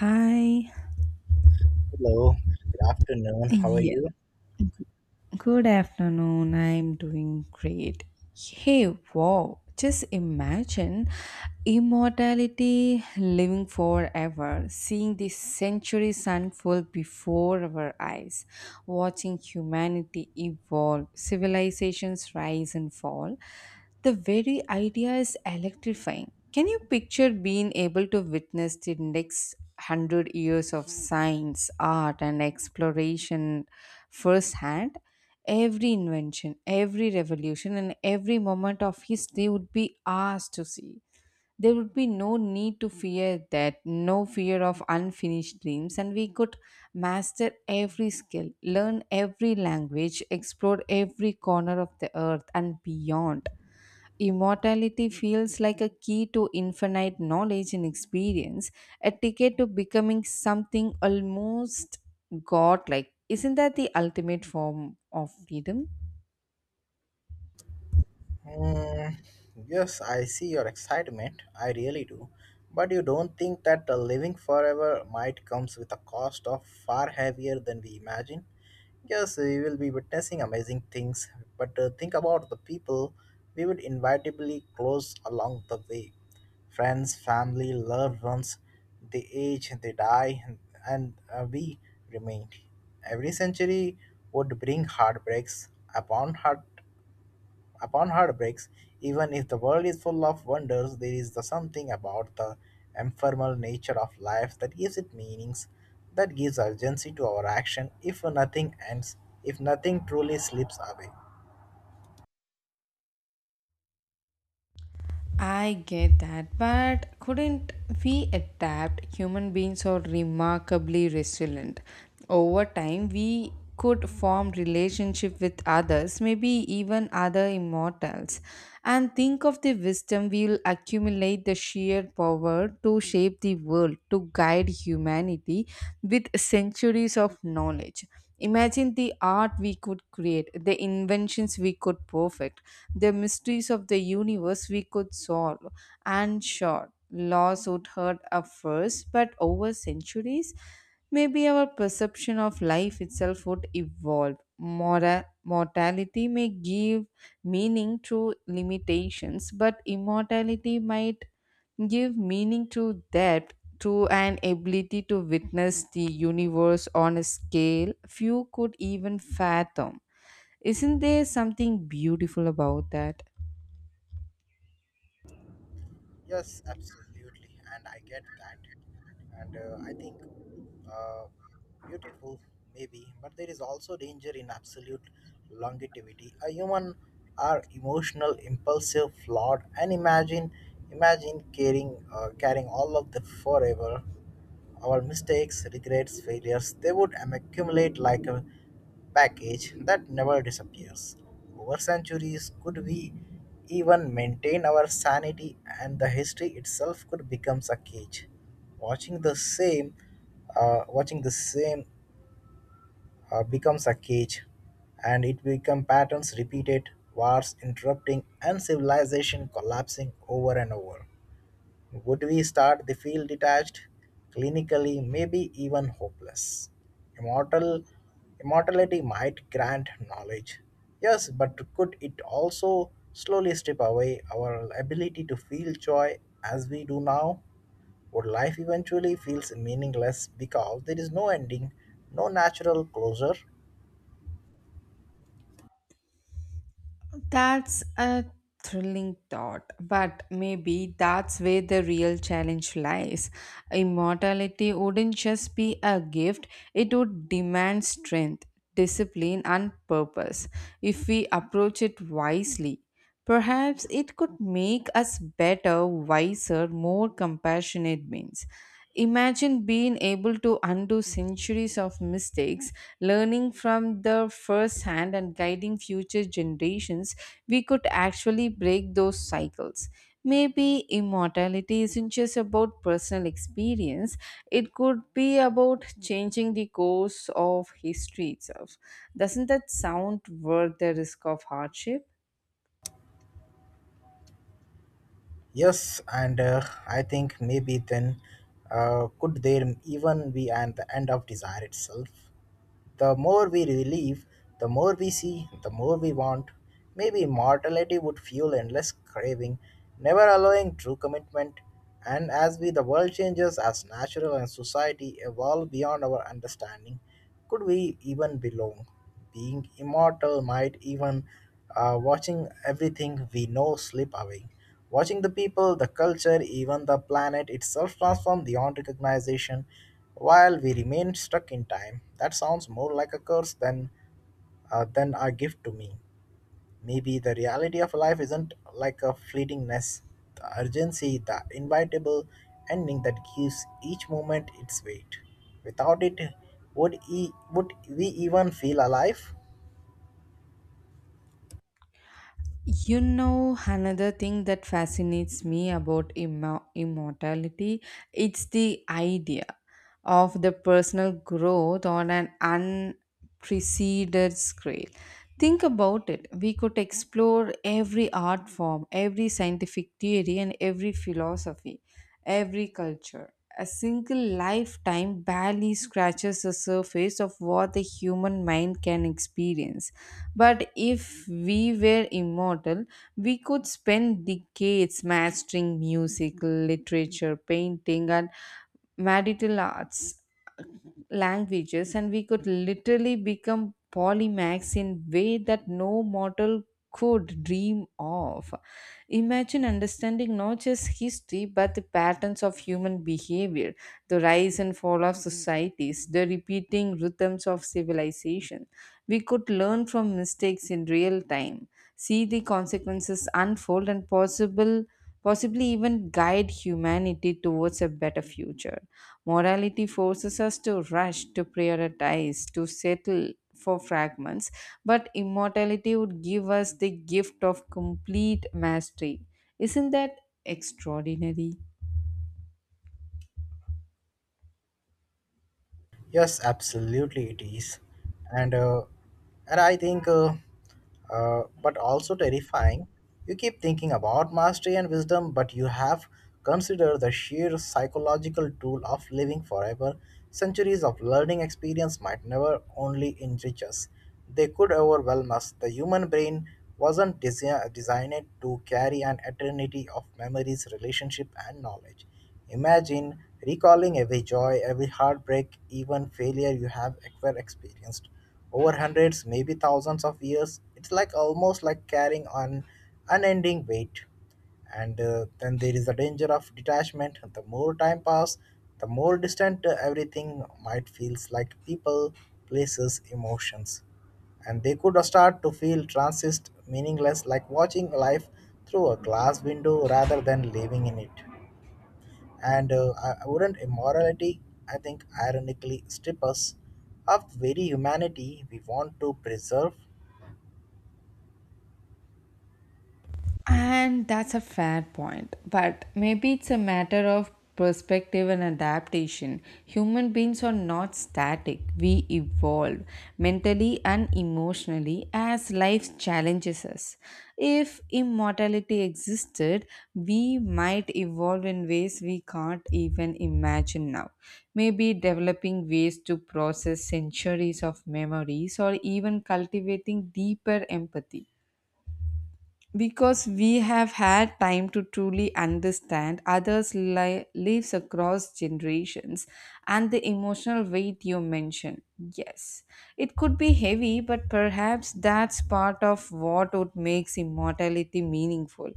Hi. Hello, good afternoon. How are Yeah. you? Good afternoon. I'm doing great. Hey, wow. Just imagine immortality, living forever, seeing the centuries unfold before our eyes, watching humanity evolve, civilizations rise and fall. The very idea is electrifying. Can you picture being able to witness the next hundred years of science, art, and exploration firsthand? Every invention, every revolution, and every moment of history would be ours to see. There would be no need to fear that, no fear of unfinished dreams, and we could master every skill, learn every language, explore every corner of the earth and beyond. Immortality feels like a key to infinite knowledge and experience, a ticket to becoming something almost godlike. Isn't that the ultimate form of freedom? Mm, yes, I see your excitement. I really do. But you don't think that the living forever might comes with a cost of far heavier than we imagine? Yes, we will be witnessing amazing things, but think about the people we would inevitably close along the way. Friends, family, loved ones, they age, they die, and we remain. Every century would bring heartbreaks upon heart upon heartbreaks. Even if the world is full of wonders, there is the something about the ephemeral nature of life that gives it meanings, that gives urgency to our action. If nothing ends, if nothing truly slips away. I get that, but couldn't we adapt? Human beings are remarkably resilient. Over time, we could form relationship with others, maybe even other immortals. And think of the wisdom we will accumulate the sheer power to shape the world, to guide humanity with centuries of knowledge. Imagine the art we could create, the inventions we could perfect, the mysteries of the universe we could solve. And sure, laws would hurt at first, but over centuries, maybe our perception of life itself would evolve. Mortality may give meaning to limitations, but immortality might give meaning to depth to an ability to witness the universe on a scale few could even fathom. Isn't there something beautiful about that? Yes, absolutely, and I get that. And I think uh, beautiful, maybe, but there is also danger in absolute longevity. A human are emotional, impulsive, flawed, and imagine, imagine carrying all of the forever. Our mistakes, regrets, failures, they would accumulate like a package that never disappears. Over centuries, could we even maintain our sanity and the history itself could become a cage. Watching the same, watching the same becomes a cage and it become patterns repeated, wars interrupting and civilization collapsing over and over. Would we start the field detached, clinically, maybe even hopeless? Immortal immortality might grant knowledge. Yes, but could it also slowly strip away our ability to feel joy as we do now? Would life eventually feels meaningless because there is no ending, no natural closure? That's a thrilling thought, but maybe that's where the real challenge lies. Immortality wouldn't just be a gift, it would demand strength, discipline, and purpose if we approach it wisely. Perhaps it could make us better, wiser, more compassionate beings. Imagine being able to undo centuries of mistakes, learning from the first hand and guiding future generations. We could actually break those cycles. Maybe immortality isn't just about personal experience, it could be about changing the course of history itself. Doesn't that sound worth the risk of hardship? Yes, and I think maybe then could there even be an the end of desire itself? The more we relieve, the more we see, the more we want. Maybe immortality would fuel endless craving, never allowing true commitment. And as we the world changes, as natural and society evolve beyond our understanding, could we even belong? Being immortal might even watching everything we know slip away. Watching the people, the culture, even the planet itself transform beyond recognition while we remain stuck in time, that sounds more like a curse than a gift to me. Maybe the reality of life isn't like a fleetingness, the urgency, the inevitable ending that gives each moment its weight. Without it, would we even feel alive? You know, another thing that fascinates me about immortality, it's the idea of the personal growth on an unprecedented scale. Think about it. We could explore every art form, every scientific theory, and every philosophy, every culture. A single lifetime barely scratches the surface of what the human mind can experience but if we were immortal, we could spend decades mastering music, literature, painting, and medical arts, languages, and we could literally become polymaths in way that no mortal could dream of. Imagine understanding not just history but the patterns of human behavior the rise and fall of societies, the repeating rhythms of civilization. We could learn from mistakes in real time, see the consequences unfold, and possible possibly even guide humanity towards a better future. Morality forces us to rush, to prioritize, to settle for fragments, but immortality would give us the gift of complete mastery. Isn't that extraordinary? Yes, absolutely, it is, and uh, and I think, but also terrifying. You keep thinking about mastery and wisdom, but you have considered the sheer psychological tool of living forever. Centuries of learning experience might never only enrich us; they could overwhelm us. The human brain wasn't designed to carry an eternity of memories, relationship, and knowledge. Imagine recalling every joy, every heartbreak, even failure you have ever experienced over hundreds, maybe thousands of years. It's like almost like carrying an unending weight. And then there is the danger of detachment. The more time pass, the more distant everything might feels like people, places, emotions and they could start to feel transist meaningless like watching life through a glass window rather than living in it and I wouldn't immorality, I think, ironically strip us of the very humanity we want to preserve? And that's a fair point. But maybe it's a matter of perspective and adaptation. Human beings are not static, we evolve mentally and emotionally as life challenges us. If immortality existed, we might evolve in ways we can't even imagine now. Maybe developing ways to process centuries of memories or even cultivating deeper empathy. Because we have had time to truly understand others' lives across generations and the emotional weight you mentioned. Yes, it could be heavy, but perhaps that's part of what would makes immortality meaningful.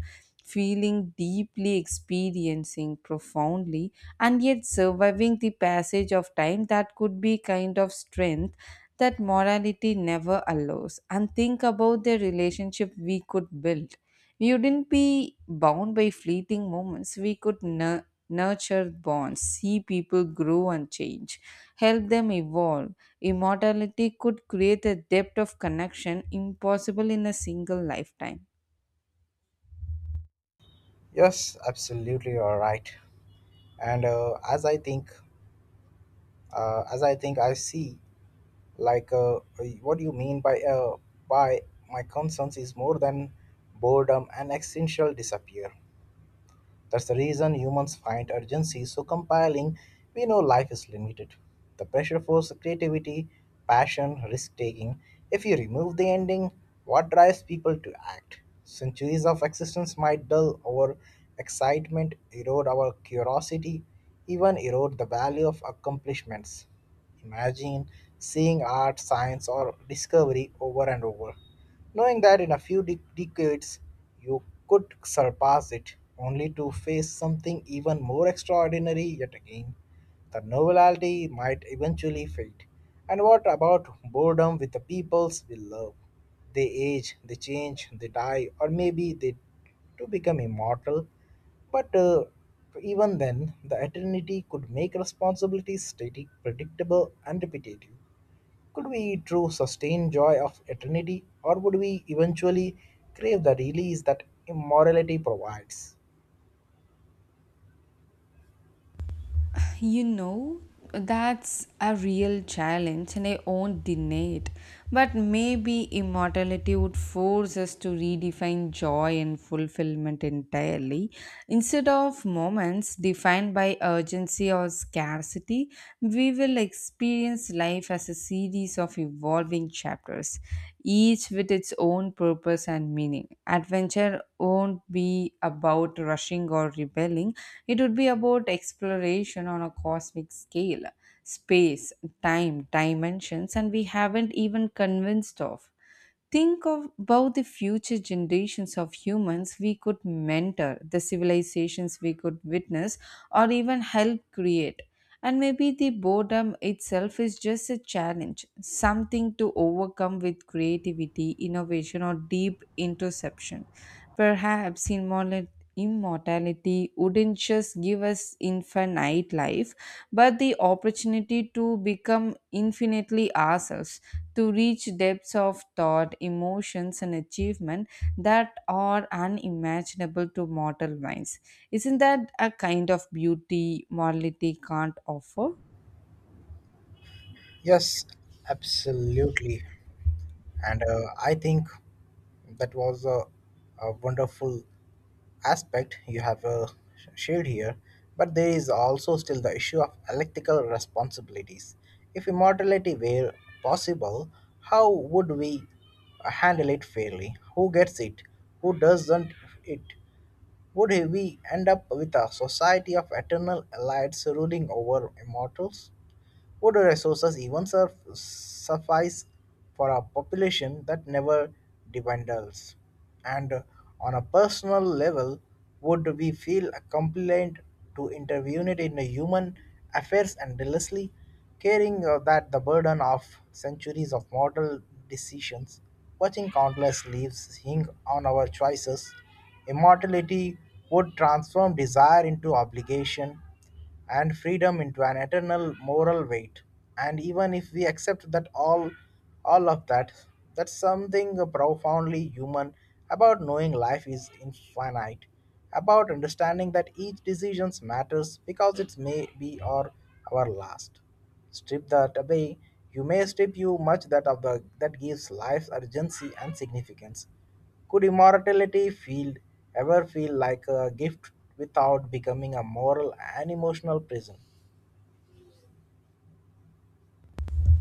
Feeling deeply, experiencing profoundly, and yet surviving the passage of time that could be kind of strength that morality never allows and think about the relationship we could build. We wouldn't be bound by fleeting moments. We could nurture bonds, see people grow and change, help them evolve. Immortality could create a depth of connection impossible in a single lifetime. Yes, absolutely, you're right. And as I think, I see like what do you mean by my concerns is more than boredom and existential disappear. That's the reason humans find urgency so compelling. We know life is limited. The pressure forces creativity, passion, risk taking. If you remove the ending, what drives people to act? Centuries of existence might dull our excitement, erode our curiosity, even erode the value of accomplishments. Imagine seeing art, science, or discovery over and over knowing that in a few decades you could surpass it, only to face something even more extraordinary yet again. The novelty might eventually fade. And what about boredom with the peoples we love? They age, they change, they die, or maybe they to become immortal. But even then, the eternity could make responsibilities static, predictable, and repetitive. Could we true sustain joy of eternity, or would we eventually crave the release that immortality provides? You know, that's a real challenge and I won't deny it, but maybe immortality would force us to redefine joy and fulfillment entirely instead of moments defined by urgency or scarcity we will experience life as a series of evolving chapters, each with its own purpose and meaning. Adventure won't be about rushing or rebelling, it would be about exploration on a cosmic scale, space, time, dimensions, and we haven't even convinced of. Think of about the future generations of humans we could mentor, the civilizations we could witness, or even help create. And maybe the boredom itself is just a challenge, something to overcome with creativity, innovation, or deep introspection. Perhaps immortality wouldn't just give us infinite life, but the opportunity to become infinitely ourselves to reach depths of thought, emotions, and achievement that are unimaginable to mortal minds. Isn't that a kind of beauty morality can't offer? Yes, absolutely. And I think that was a wonderful aspect you have shared here. But there is also still the issue of electrical responsibilities. If immortality were possible, how would we handle it fairly? Who gets it? Who doesn't it? Would we end up with a society of eternal elites ruling over immortals? Would resources even suffice for a population that never dwindles? And on a personal level, would we feel compliant to intervene in the human affairs and endlessly caring that the burden of centuries of moral decisions, watching countless leaves hang on our choices, immortality would transform desire into obligation and freedom into an eternal moral weight. And even if we accept that all of that, that's something profoundly human about knowing life is infinite, about understanding that each decision matters because it may be our last. Strip that away, you may strip you much that of the that gives life urgency and significance. Could immortality feel ever feel like a gift without becoming a moral and emotional prison?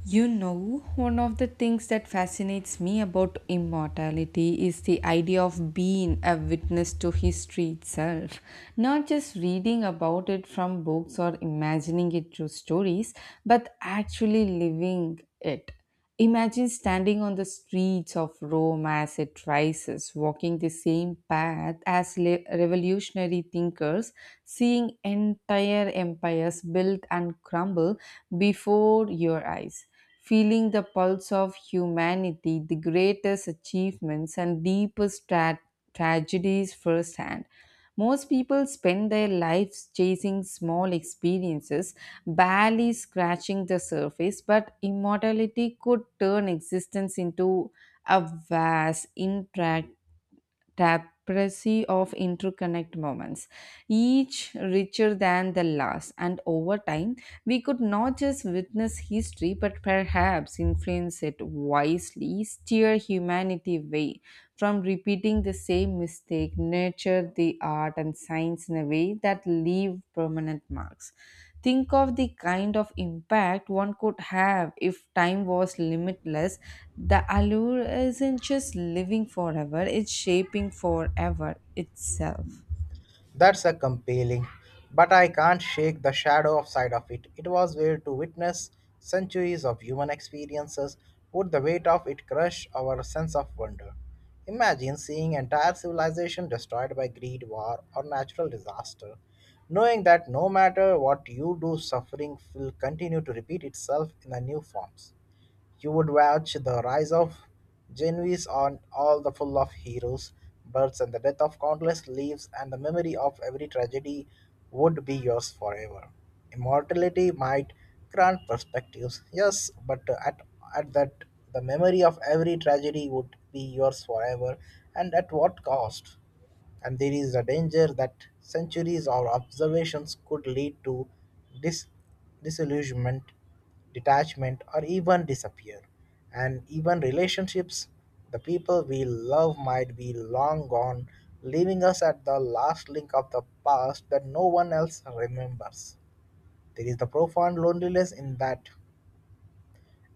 You know, one of the things that fascinates me about immortality is the idea of being a witness to history itself. Not just reading about it from books or imagining it through stories, but actually living it. Imagine standing on the streets of Rome as it rises, walking the same path as revolutionary thinkers, seeing entire empires built and crumble before your eyes, feeling the pulse of humanity, the greatest achievements and deepest tragedies firsthand. Most people spend their lives chasing small experiences, barely scratching the surface, but immortality could turn existence into a vast intract tapestry of interconnect moments, each richer than the last. And over time, we could not just witness history, but perhaps influence it wisely, steer humanity away from repeating the same mistake, nurture the art and science in a way that leave permanent marks. Think of the kind of impact one could have if time was limitless. The allure isn't just living forever, it's shaping forever itself. That's a compelling, but I can't shake the shadow of side of it. It was where to witness centuries of human experiences would the weight of it crush our sense of wonder. Imagine seeing entire civilization destroyed by greed, war, or natural disaster, knowing that no matter what you do, suffering will continue to repeat itself in the new forms. You would watch the rise of Genoese on all the full of heroes, births and the death of countless leaves and the memory of every tragedy would be yours forever. Immortality might grant perspectives, yes, but at that the memory of every tragedy would be yours forever and at what cost? And there is a danger that centuries of observations could lead to dis- disillusionment, detachment, or even disappear. And even relationships, the people we love might be long gone, leaving us at the last link of the past that no one else remembers. There is the profound loneliness in that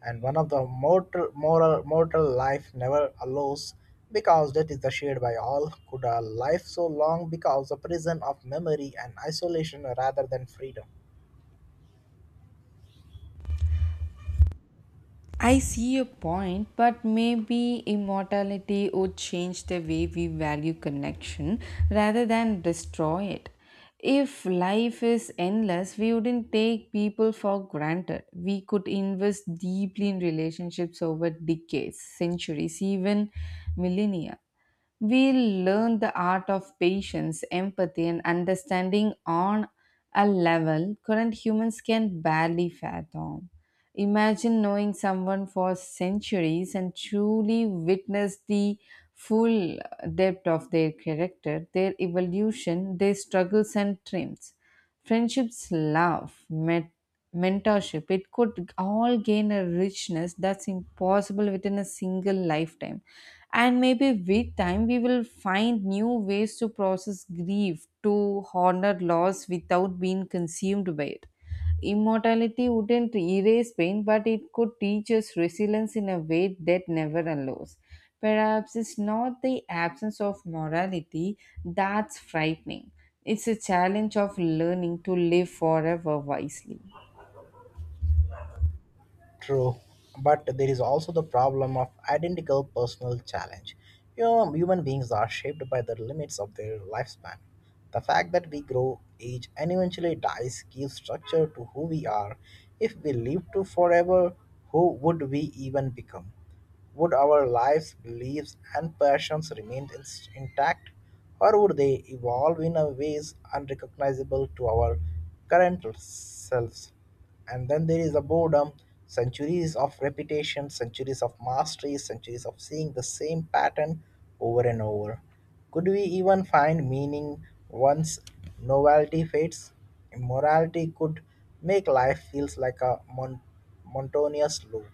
and one of the mortal moral mortal life never allows because death is the shared by all could a life so long because a prison of memory and isolation rather than freedom. I see your point, but maybe immortality would change the way we value connection rather than destroy it. If life is endless, we wouldn't take people for granted. We could invest deeply in relationships over decades, centuries, even millennia. We'll learn the art of patience, empathy, and understanding on a level current humans can barely fathom. Imagine knowing someone for centuries and truly witness the full depth of their character, their evolution, their struggles and triumphs. Friendships, love, mentorship, it could all gain a richness that's impossible within a single lifetime. And maybe with time, we will find new ways to process grief, to honor loss without being consumed by it. Immortality wouldn't erase pain, but it could teach us resilience in a way that never allows. Perhaps it's not the absence of morality that's frightening, it's a challenge of learning to live forever wisely. True, but there is also the problem of identical personal challenge. You know, human beings are shaped by the limits of their lifespan. The fact that we grow, age, and eventually dies gives structure to who we are. If we lived to forever, who would we even become? Would our lives, beliefs, and passions remain intact, or would they evolve in a ways unrecognizable to our current selves? And then there is a boredom, centuries of repetition, centuries of mastery, centuries of seeing the same pattern over and over. Could we even find meaning once novelty fades? Immorality could make life feels like a monotonous loop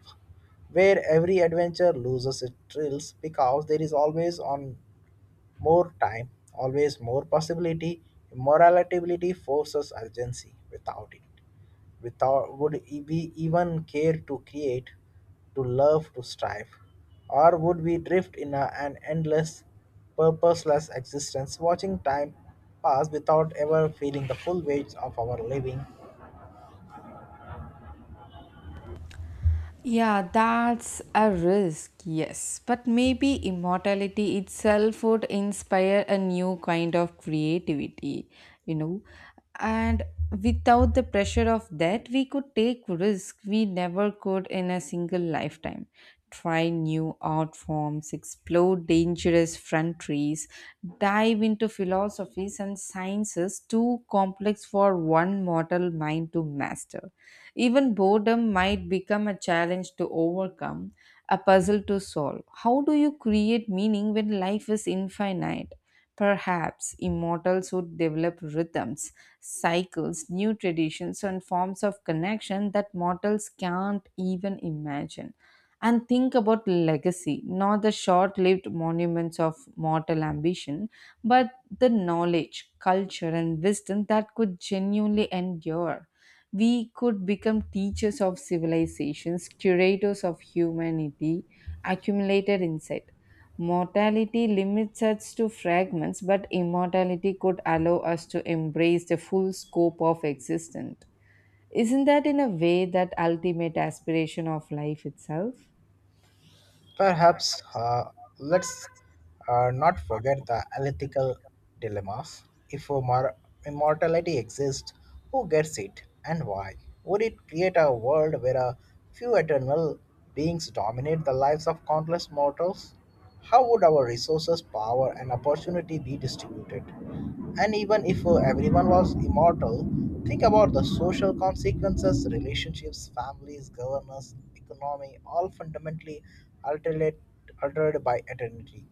where every adventure loses its thrills because there is always on more time, always more possibility. Morality forces urgency. Without it, without would we even care to create, to love, to strive, or would we drift in an endless, purposeless existence, watching time pass without ever feeling the full weight of our living? Yeah, that's a risk, yes. But maybe immortality itself would inspire a new kind of creativity, you know. And without the pressure of that, we could take risk we never could in a single lifetime try new art forms, explore dangerous frontiers, dive into philosophies and sciences too complex for one mortal mind to master. Even boredom might become a challenge to overcome, a puzzle to solve. How do you create meaning when life is infinite? Perhaps immortals would develop rhythms, cycles, new traditions, and forms of connection that mortals can't even imagine. And think about legacy, not the short lived monuments of mortal ambition, but the knowledge, culture, and wisdom that could genuinely endure. We could become teachers of civilizations, curators of humanity, accumulated insight Mortality limits us to fragments, but immortality could allow us to embrace the full scope of existence. Isn't that, in a way, that ultimate aspiration of life itself? Perhaps let's not forget the ethical dilemmas. If immortality exists, who gets it and why? Would it create a world where a few eternal beings dominate the lives of countless mortals? How would our resources, power, and opportunity be distributed? And even if everyone was immortal, think about the social consequences, relationships, families, governance, economy, all fundamentally altered, altered by eternity.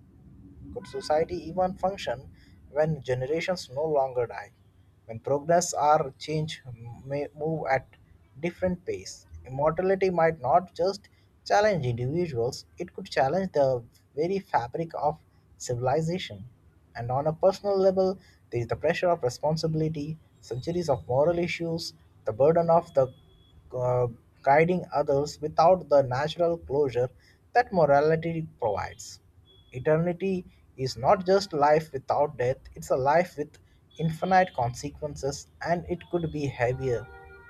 Could society even function when generations no longer die? When progress or change may move at different pace, immortality might not just challenge individuals, it could challenge the very fabric of civilization. And on a personal level, there is the pressure of responsibility, centuries of moral issues, the burden of the uh, guiding others without the natural closure that morality provides. Eternity is not just life without death, it's a life with infinite consequences, and it could be heavier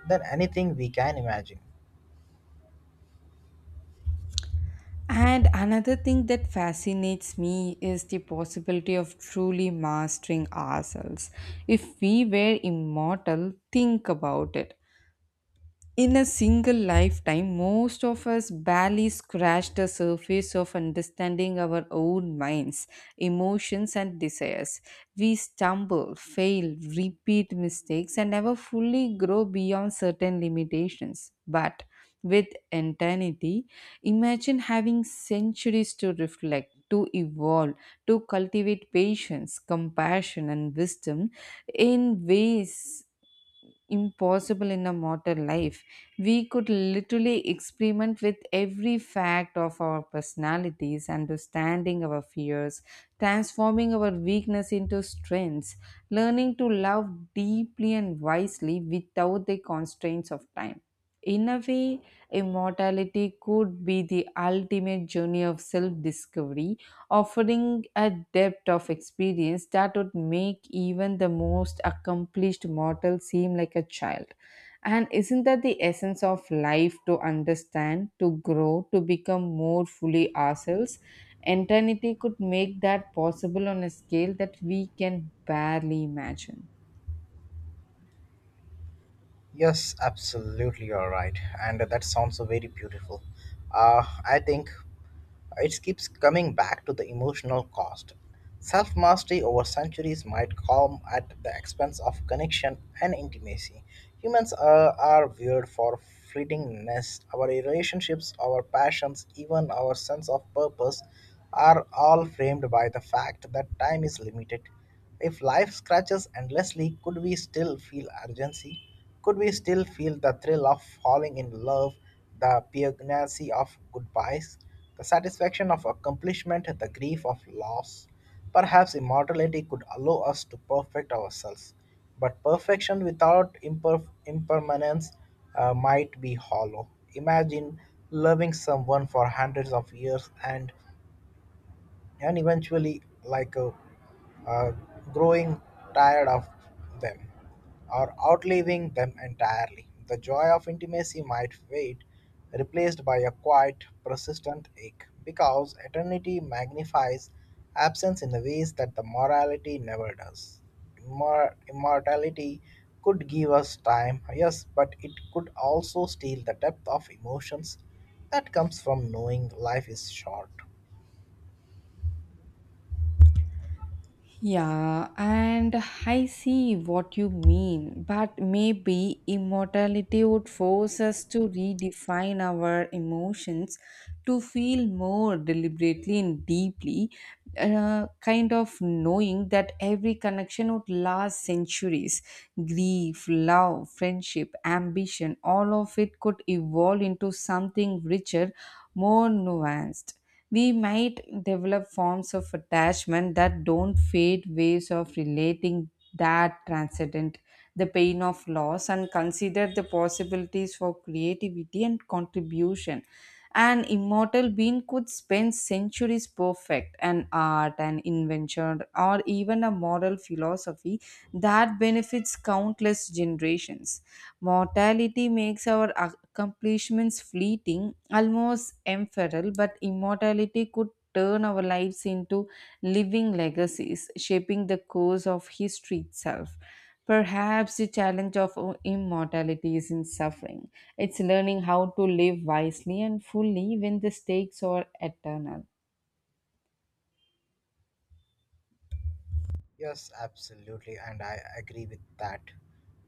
than anything we can imagine. And another thing that fascinates me is the possibility of truly mastering ourselves. If we were immortal, think about it. In a single lifetime, most of us barely scratch the surface of understanding our own minds, emotions, and desires. We stumble, fail, repeat mistakes, and never fully grow beyond certain limitations. But with eternity, imagine having centuries to reflect, to evolve, to cultivate patience, compassion, and wisdom in ways impossible in a modern life. We could literally experiment with every fact of our personalities, understanding our fears, transforming our weakness into strengths, learning to love deeply and wisely without the constraints of time. In a way, immortality could be the ultimate journey of self discovery offering a depth of experience that would make even the most accomplished mortal seem like a child. And isn't that the essence of life to understand, to grow, to become more fully ourselves? Eternity could make that possible on a scale that we can barely imagine. Yes, absolutely, you're right, and that sounds so very beautiful. I think it keeps coming back to the emotional cost. Self mastery over centuries might come at the expense of connection and intimacy. Humans are weird for fleetingness. Our relationships, our passions, even our sense of purpose are all framed by the fact that time is limited. If life scratches endlessly, could we still feel urgency? Could we still feel the thrill of falling in love, the poignancy of goodbyes, the satisfaction of accomplishment, the grief of loss? Perhaps immortality could allow us to perfect ourselves, but perfection without impermanence might be hollow. Imagine loving someone for hundreds of years and eventually, uh, growing tired of them or outliving them entirely. The joy of intimacy might fade, replaced by a quiet, persistent ache, because eternity magnifies absence in the ways that the morality never does. Immortality could give us time, yes, but it could also steal the depth of emotions that comes from knowing life is short. Yeah, and I see what you mean, but maybe immortality would force us to redefine our emotions to feel more deliberately and deeply, kind of knowing that every connection would last centuries. Grief, love, friendship, ambition, all of it could evolve into something richer, more nuanced. We might develop forms of attachment that don't fade, ways of relating that transcendent the pain of loss, and consider the possibilities for creativity and contribution. An immortal being could spend centuries perfect an art, an invention, or even a moral philosophy that benefits countless generations. Mortality makes our accomplishments fleeting, almost ephemeral, but immortality could turn our lives into living legacies, shaping the course of history itself. Perhaps the challenge of immortality is in suffering. It's learning how to live wisely and fully when the stakes are eternal. Yes, absolutely, and I agree with that.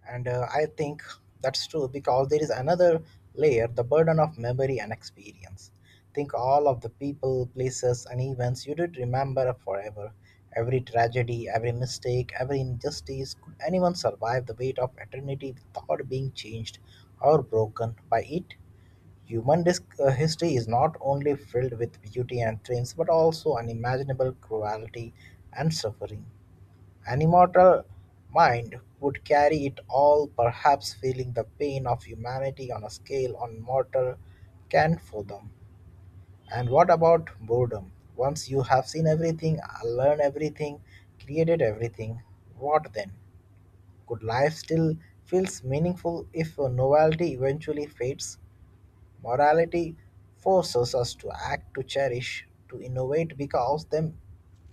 And I think that's true because there is another layer the burden of memory and experience. Think all of the people, places, and events you did remember forever. Every tragedy, every mistake, every injustice could anyone survive the weight of eternity without being changed or broken by it? History is not only filled with beauty and triumphs but also unimaginable cruelty and suffering. An immortal mind would carry it all, perhaps feeling the pain of humanity on a scale on mortal can't fathom. And what about boredom? Once you have seen everything, learned everything, created everything, what then? Could life still feels meaningful if novelty eventually fades? Morality forces us to act, to cherish, to innovate because them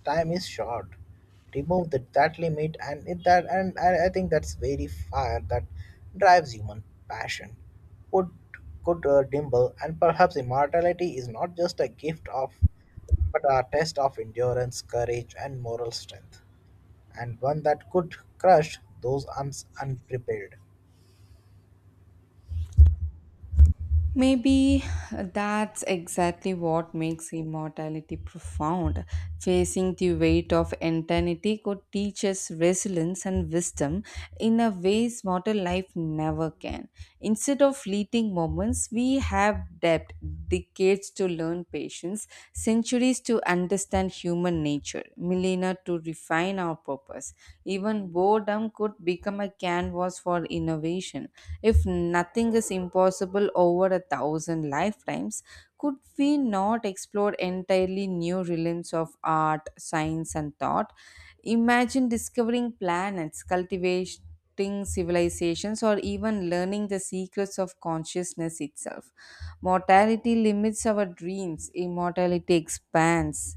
time is short. Remove that limit and it, that and I think that's very fire that drives human passion. Could could Dimble and perhaps immortality is not just a gift of but a test of endurance, courage and moral strength. And one that could crush those uns unprepared. Maybe that's exactly what makes immortality profound. Facing the weight of eternity could teach us resilience and wisdom in a ways mortal life never can. Instead of fleeting moments, we have depth, decades to learn patience, centuries to understand human nature, millennia to refine our purpose. Even boredom could become a canvas for innovation. If nothing is impossible over a thousand lifetimes, could we not explore entirely new realms of art, science, and thought? Imagine discovering planets, cultivating civilizations, or even learning the secrets of consciousness itself. Mortality limits our dreams, immortality expands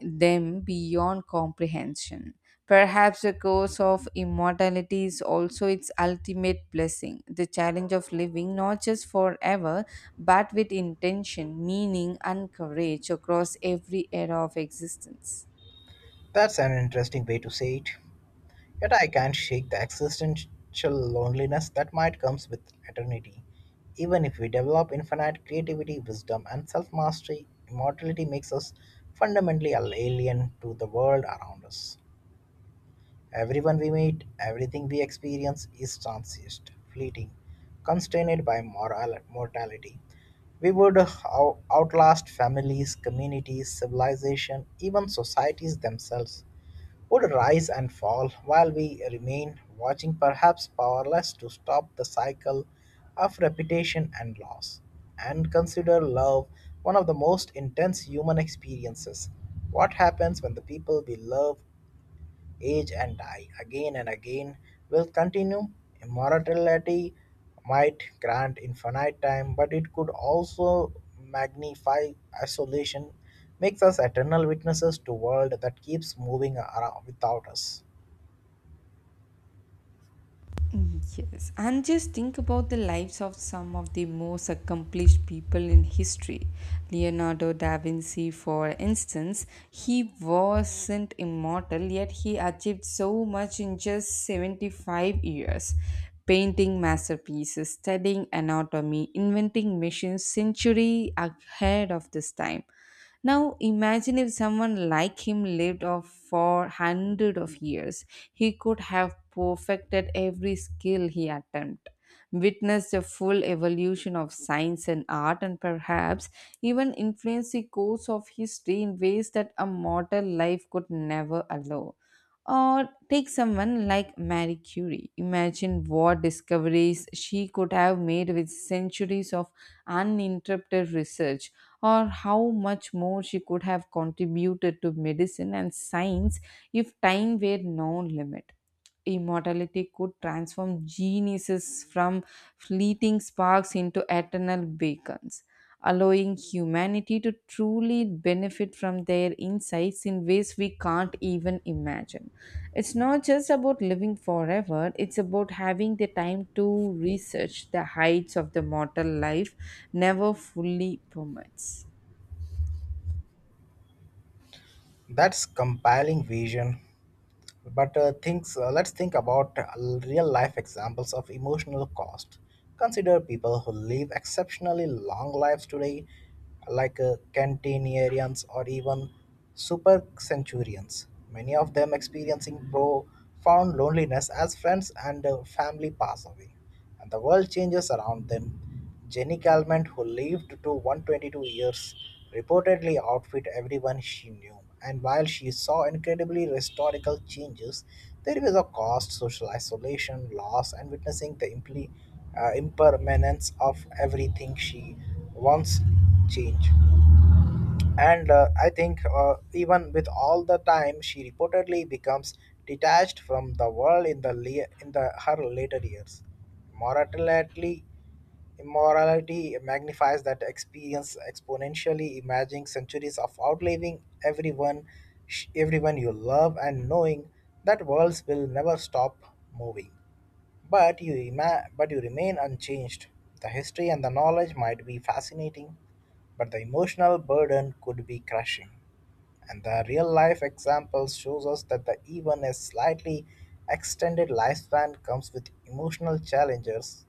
them beyond comprehension. Perhaps the curse of immortality is also its ultimate blessing, the challenge of living not just forever, but with intention, meaning, and courage across every era of existence. That's an interesting way to say it. Yet I can't shake the existential loneliness that might comes with eternity. Even if we develop infinite creativity, wisdom, and self mastery, immortality makes us fundamentally alien to the world around us. Everyone we meet, everything we experience is transient, fleeting, constrained by moral mortality. We would outlast families, communities, civilization, even societies themselves would rise and fall while we remain watching, perhaps powerless to stop the cycle of repetition and loss, and consider love one of the most intense human experiences. What happens when the people we love age and die again and again will continue. Immortality might grant infinite time, but it could also magnify isolation, makes us eternal witnesses to world that keeps moving around without us. Yes, and just think about the lives of some of the most accomplished people in history. Leonardo da Vinci, for instance, he wasn't immortal, yet he achieved so much in just 75 years. Painting masterpieces, studying anatomy, inventing machines century ahead of this time. Now imagine if someone like him lived off for hundred of years. He could have perfected every skill he attempted, witnessed the full evolution of science and art, and perhaps even influenced the course of history in ways that a mortal life could never allow. Or take someone like Marie Curie. Imagine what discoveries she could have made with centuries of uninterrupted research, or how much more she could have contributed to medicine and science if time were no limit. Immortality could transform geniuses from fleeting sparks into eternal beacons, allowing humanity to truly benefit from their insights in ways we can't even imagine. It's not just about living forever, it's about having the time to research the heights of the mortal life never fully permits. That's compelling vision. Let's think about real life examples of emotional cost. Consider people who live exceptionally long lives today, like centenarians or even super centurions, many of them experiencing profound loneliness as friends and family pass away and the world changes around them. Jenny Calment, who lived to 122 years, reportedly outfit everyone she knew. And while she saw incredibly historical changes, there was a cost, social isolation, loss, and witnessing the impermanence of everything she once changed and I think even with all the time she reportedly becomes detached from the world in the her later years morality immorality magnifies that experience exponentially imagining centuries of outliving everyone everyone you love and knowing that worlds will never stop moving but but you remain unchanged. The history and the knowledge might be fascinating, but the emotional burden could be crushing. And the real life examples shows us that the even a slightly extended lifespan comes with emotional challenges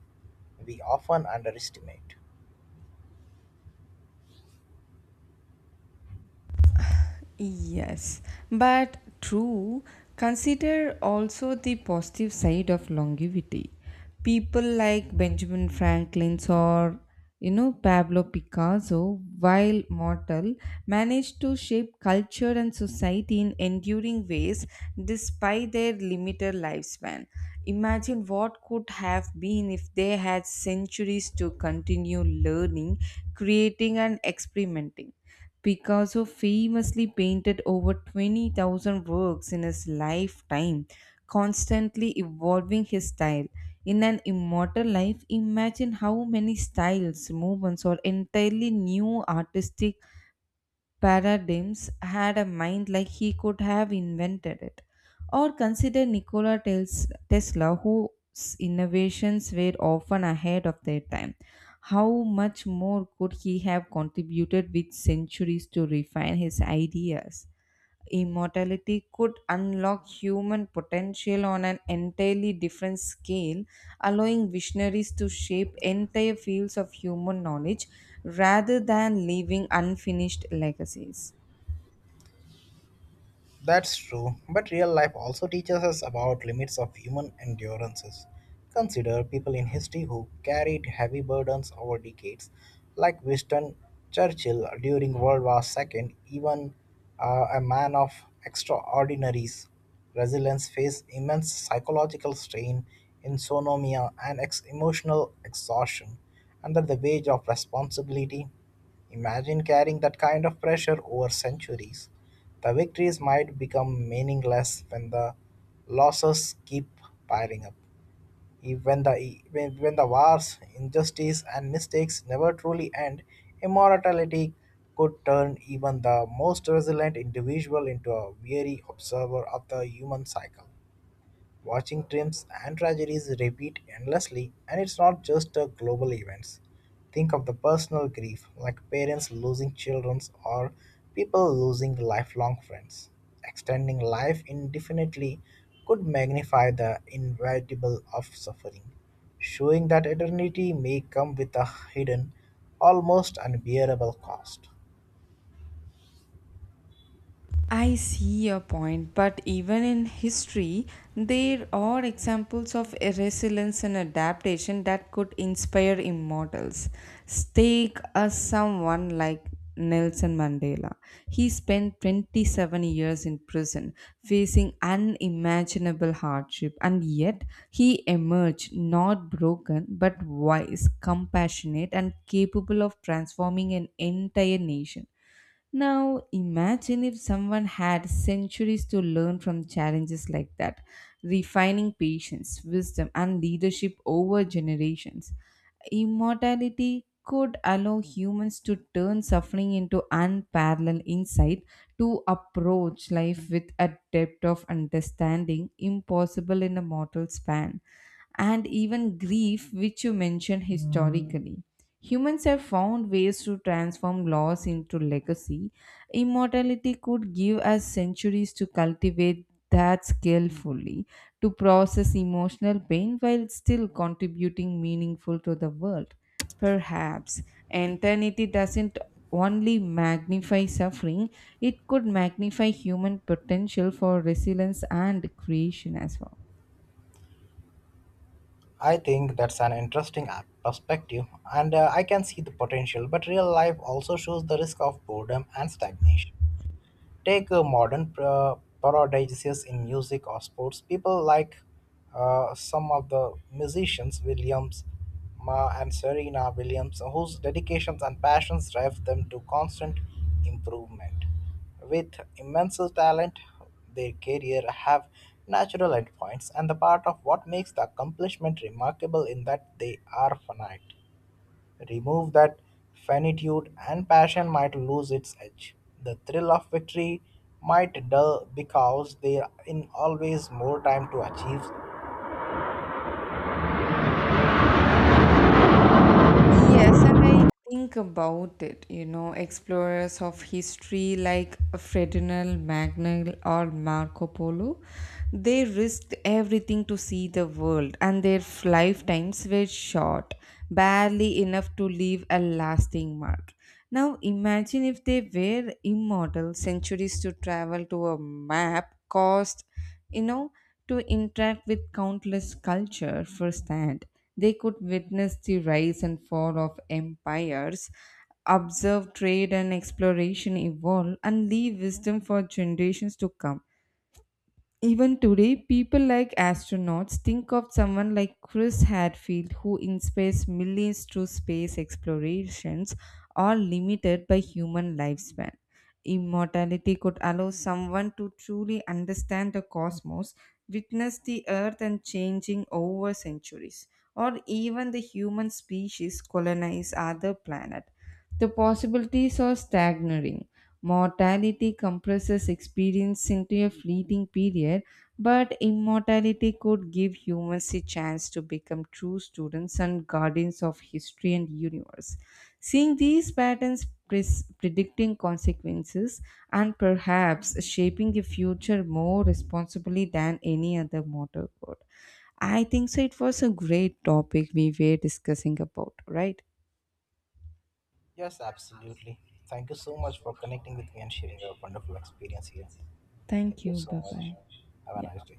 we often underestimate. Yes, but true, consider also the positive side of longevity. People like Benjamin Franklin or, you know, Pablo Picasso, while mortal, managed to shape culture and society in enduring ways despite their limited lifespan. Imagine what could have been if they had centuries to continue learning, creating, and experimenting. Picasso famously painted over 20,000 works in his lifetime, constantly evolving his style. In an immortal life, imagine how many styles, movements, or entirely new artistic paradigms had a mind like he could have invented it. Or consider Tesla, whose innovations were often ahead of their time. How much more could he have contributed with centuries to refine his ideas? Immortality could unlock human potential on an entirely different scale, allowing visionaries to shape entire fields of human knowledge rather than leaving unfinished legacies. That's true, but real life also teaches us about limits of human endurances. Consider people in history who carried heavy burdens over decades, like Winston Churchill during World War Two. Even a man of extraordinary resilience faced immense psychological strain, insomnia, and emotional exhaustion under the weight of responsibility. Imagine carrying that kind of pressure over centuries. The victories might become meaningless when the losses keep piling up. Even when the wars, injustice, and mistakes never truly end, immortality could turn even the most resilient individual into a weary observer of the human cycle. Watching trims and tragedies repeat endlessly, and it's not just a global events. Think of the personal grief, like parents losing children or people losing lifelong friends. Extending life indefinitely could magnify the inevitable of suffering, showing that eternity may come with a hidden, almost unbearable cost. I see your point, but even in history, there are examples of resilience and adaptation that could inspire immortals. Take a someone like Nelson Mandela. He spent 27 years in prison facing unimaginable hardship, and yet he emerged not broken but wise, compassionate, and capable of transforming an entire nation. Now, imagine if someone had centuries to learn from challenges like that, refining patience, wisdom, and leadership over generations. Immortality could allow humans to turn suffering into unparalleled insight, to approach life with a depth of understanding impossible in a mortal span, and even grief, which you mentioned historically. Humans have found ways to transform loss into legacy. Immortality could give us centuries to cultivate that skill fully, to process emotional pain while still contributing meaningful to the world. Perhaps eternity doesn't only magnify suffering, it could magnify human potential for resilience and creation as well. I think that's an interesting perspective, and I can see the potential, but real life also shows the risk of boredom and stagnation. Take modern paradises in music or sports. People like some of the musicians, Williams Ma and Serena Williams, whose dedications and passions drive them to constant improvement. With immense talent, their career have natural endpoints, and the part of what makes the accomplishment remarkable in that they are finite. Remove that finitude and passion might lose its edge. The thrill of victory might dull because there in always more time to achieve. Yes, and I think about it, you know, explorers of history like Ferdinand Magellan or Marco Polo, they risked everything to see the world, and their lifetimes were short, barely enough to leave a lasting mark. Now, imagine if they were immortal, centuries to travel to a map cost, you know, to interact with countless culture firsthand. They could witness the rise and fall of empires, observe trade and exploration evolve, and leave wisdom for generations to come. Even today, people like astronauts, think of someone like Chris Hadfield, who inspires millions through space explorations, all limited by human lifespan. Immortality could allow someone to truly understand the cosmos, witness the Earth and changing over centuries, or even the human species colonize other planet. The possibilities are staggering. Mortality compresses experience into a fleeting period, but immortality could give humans a chance to become true students and guardians of history and universe. Seeing these patterns, predicting consequences, and perhaps shaping a future more responsibly than any other mortal could. I think so. It was a great topic we were discussing about, right? Yes, absolutely. Thank you so much for connecting with me and sharing your wonderful experience here. Thank Thank you you. so Bye much. bye. Have a nice Yeah. day.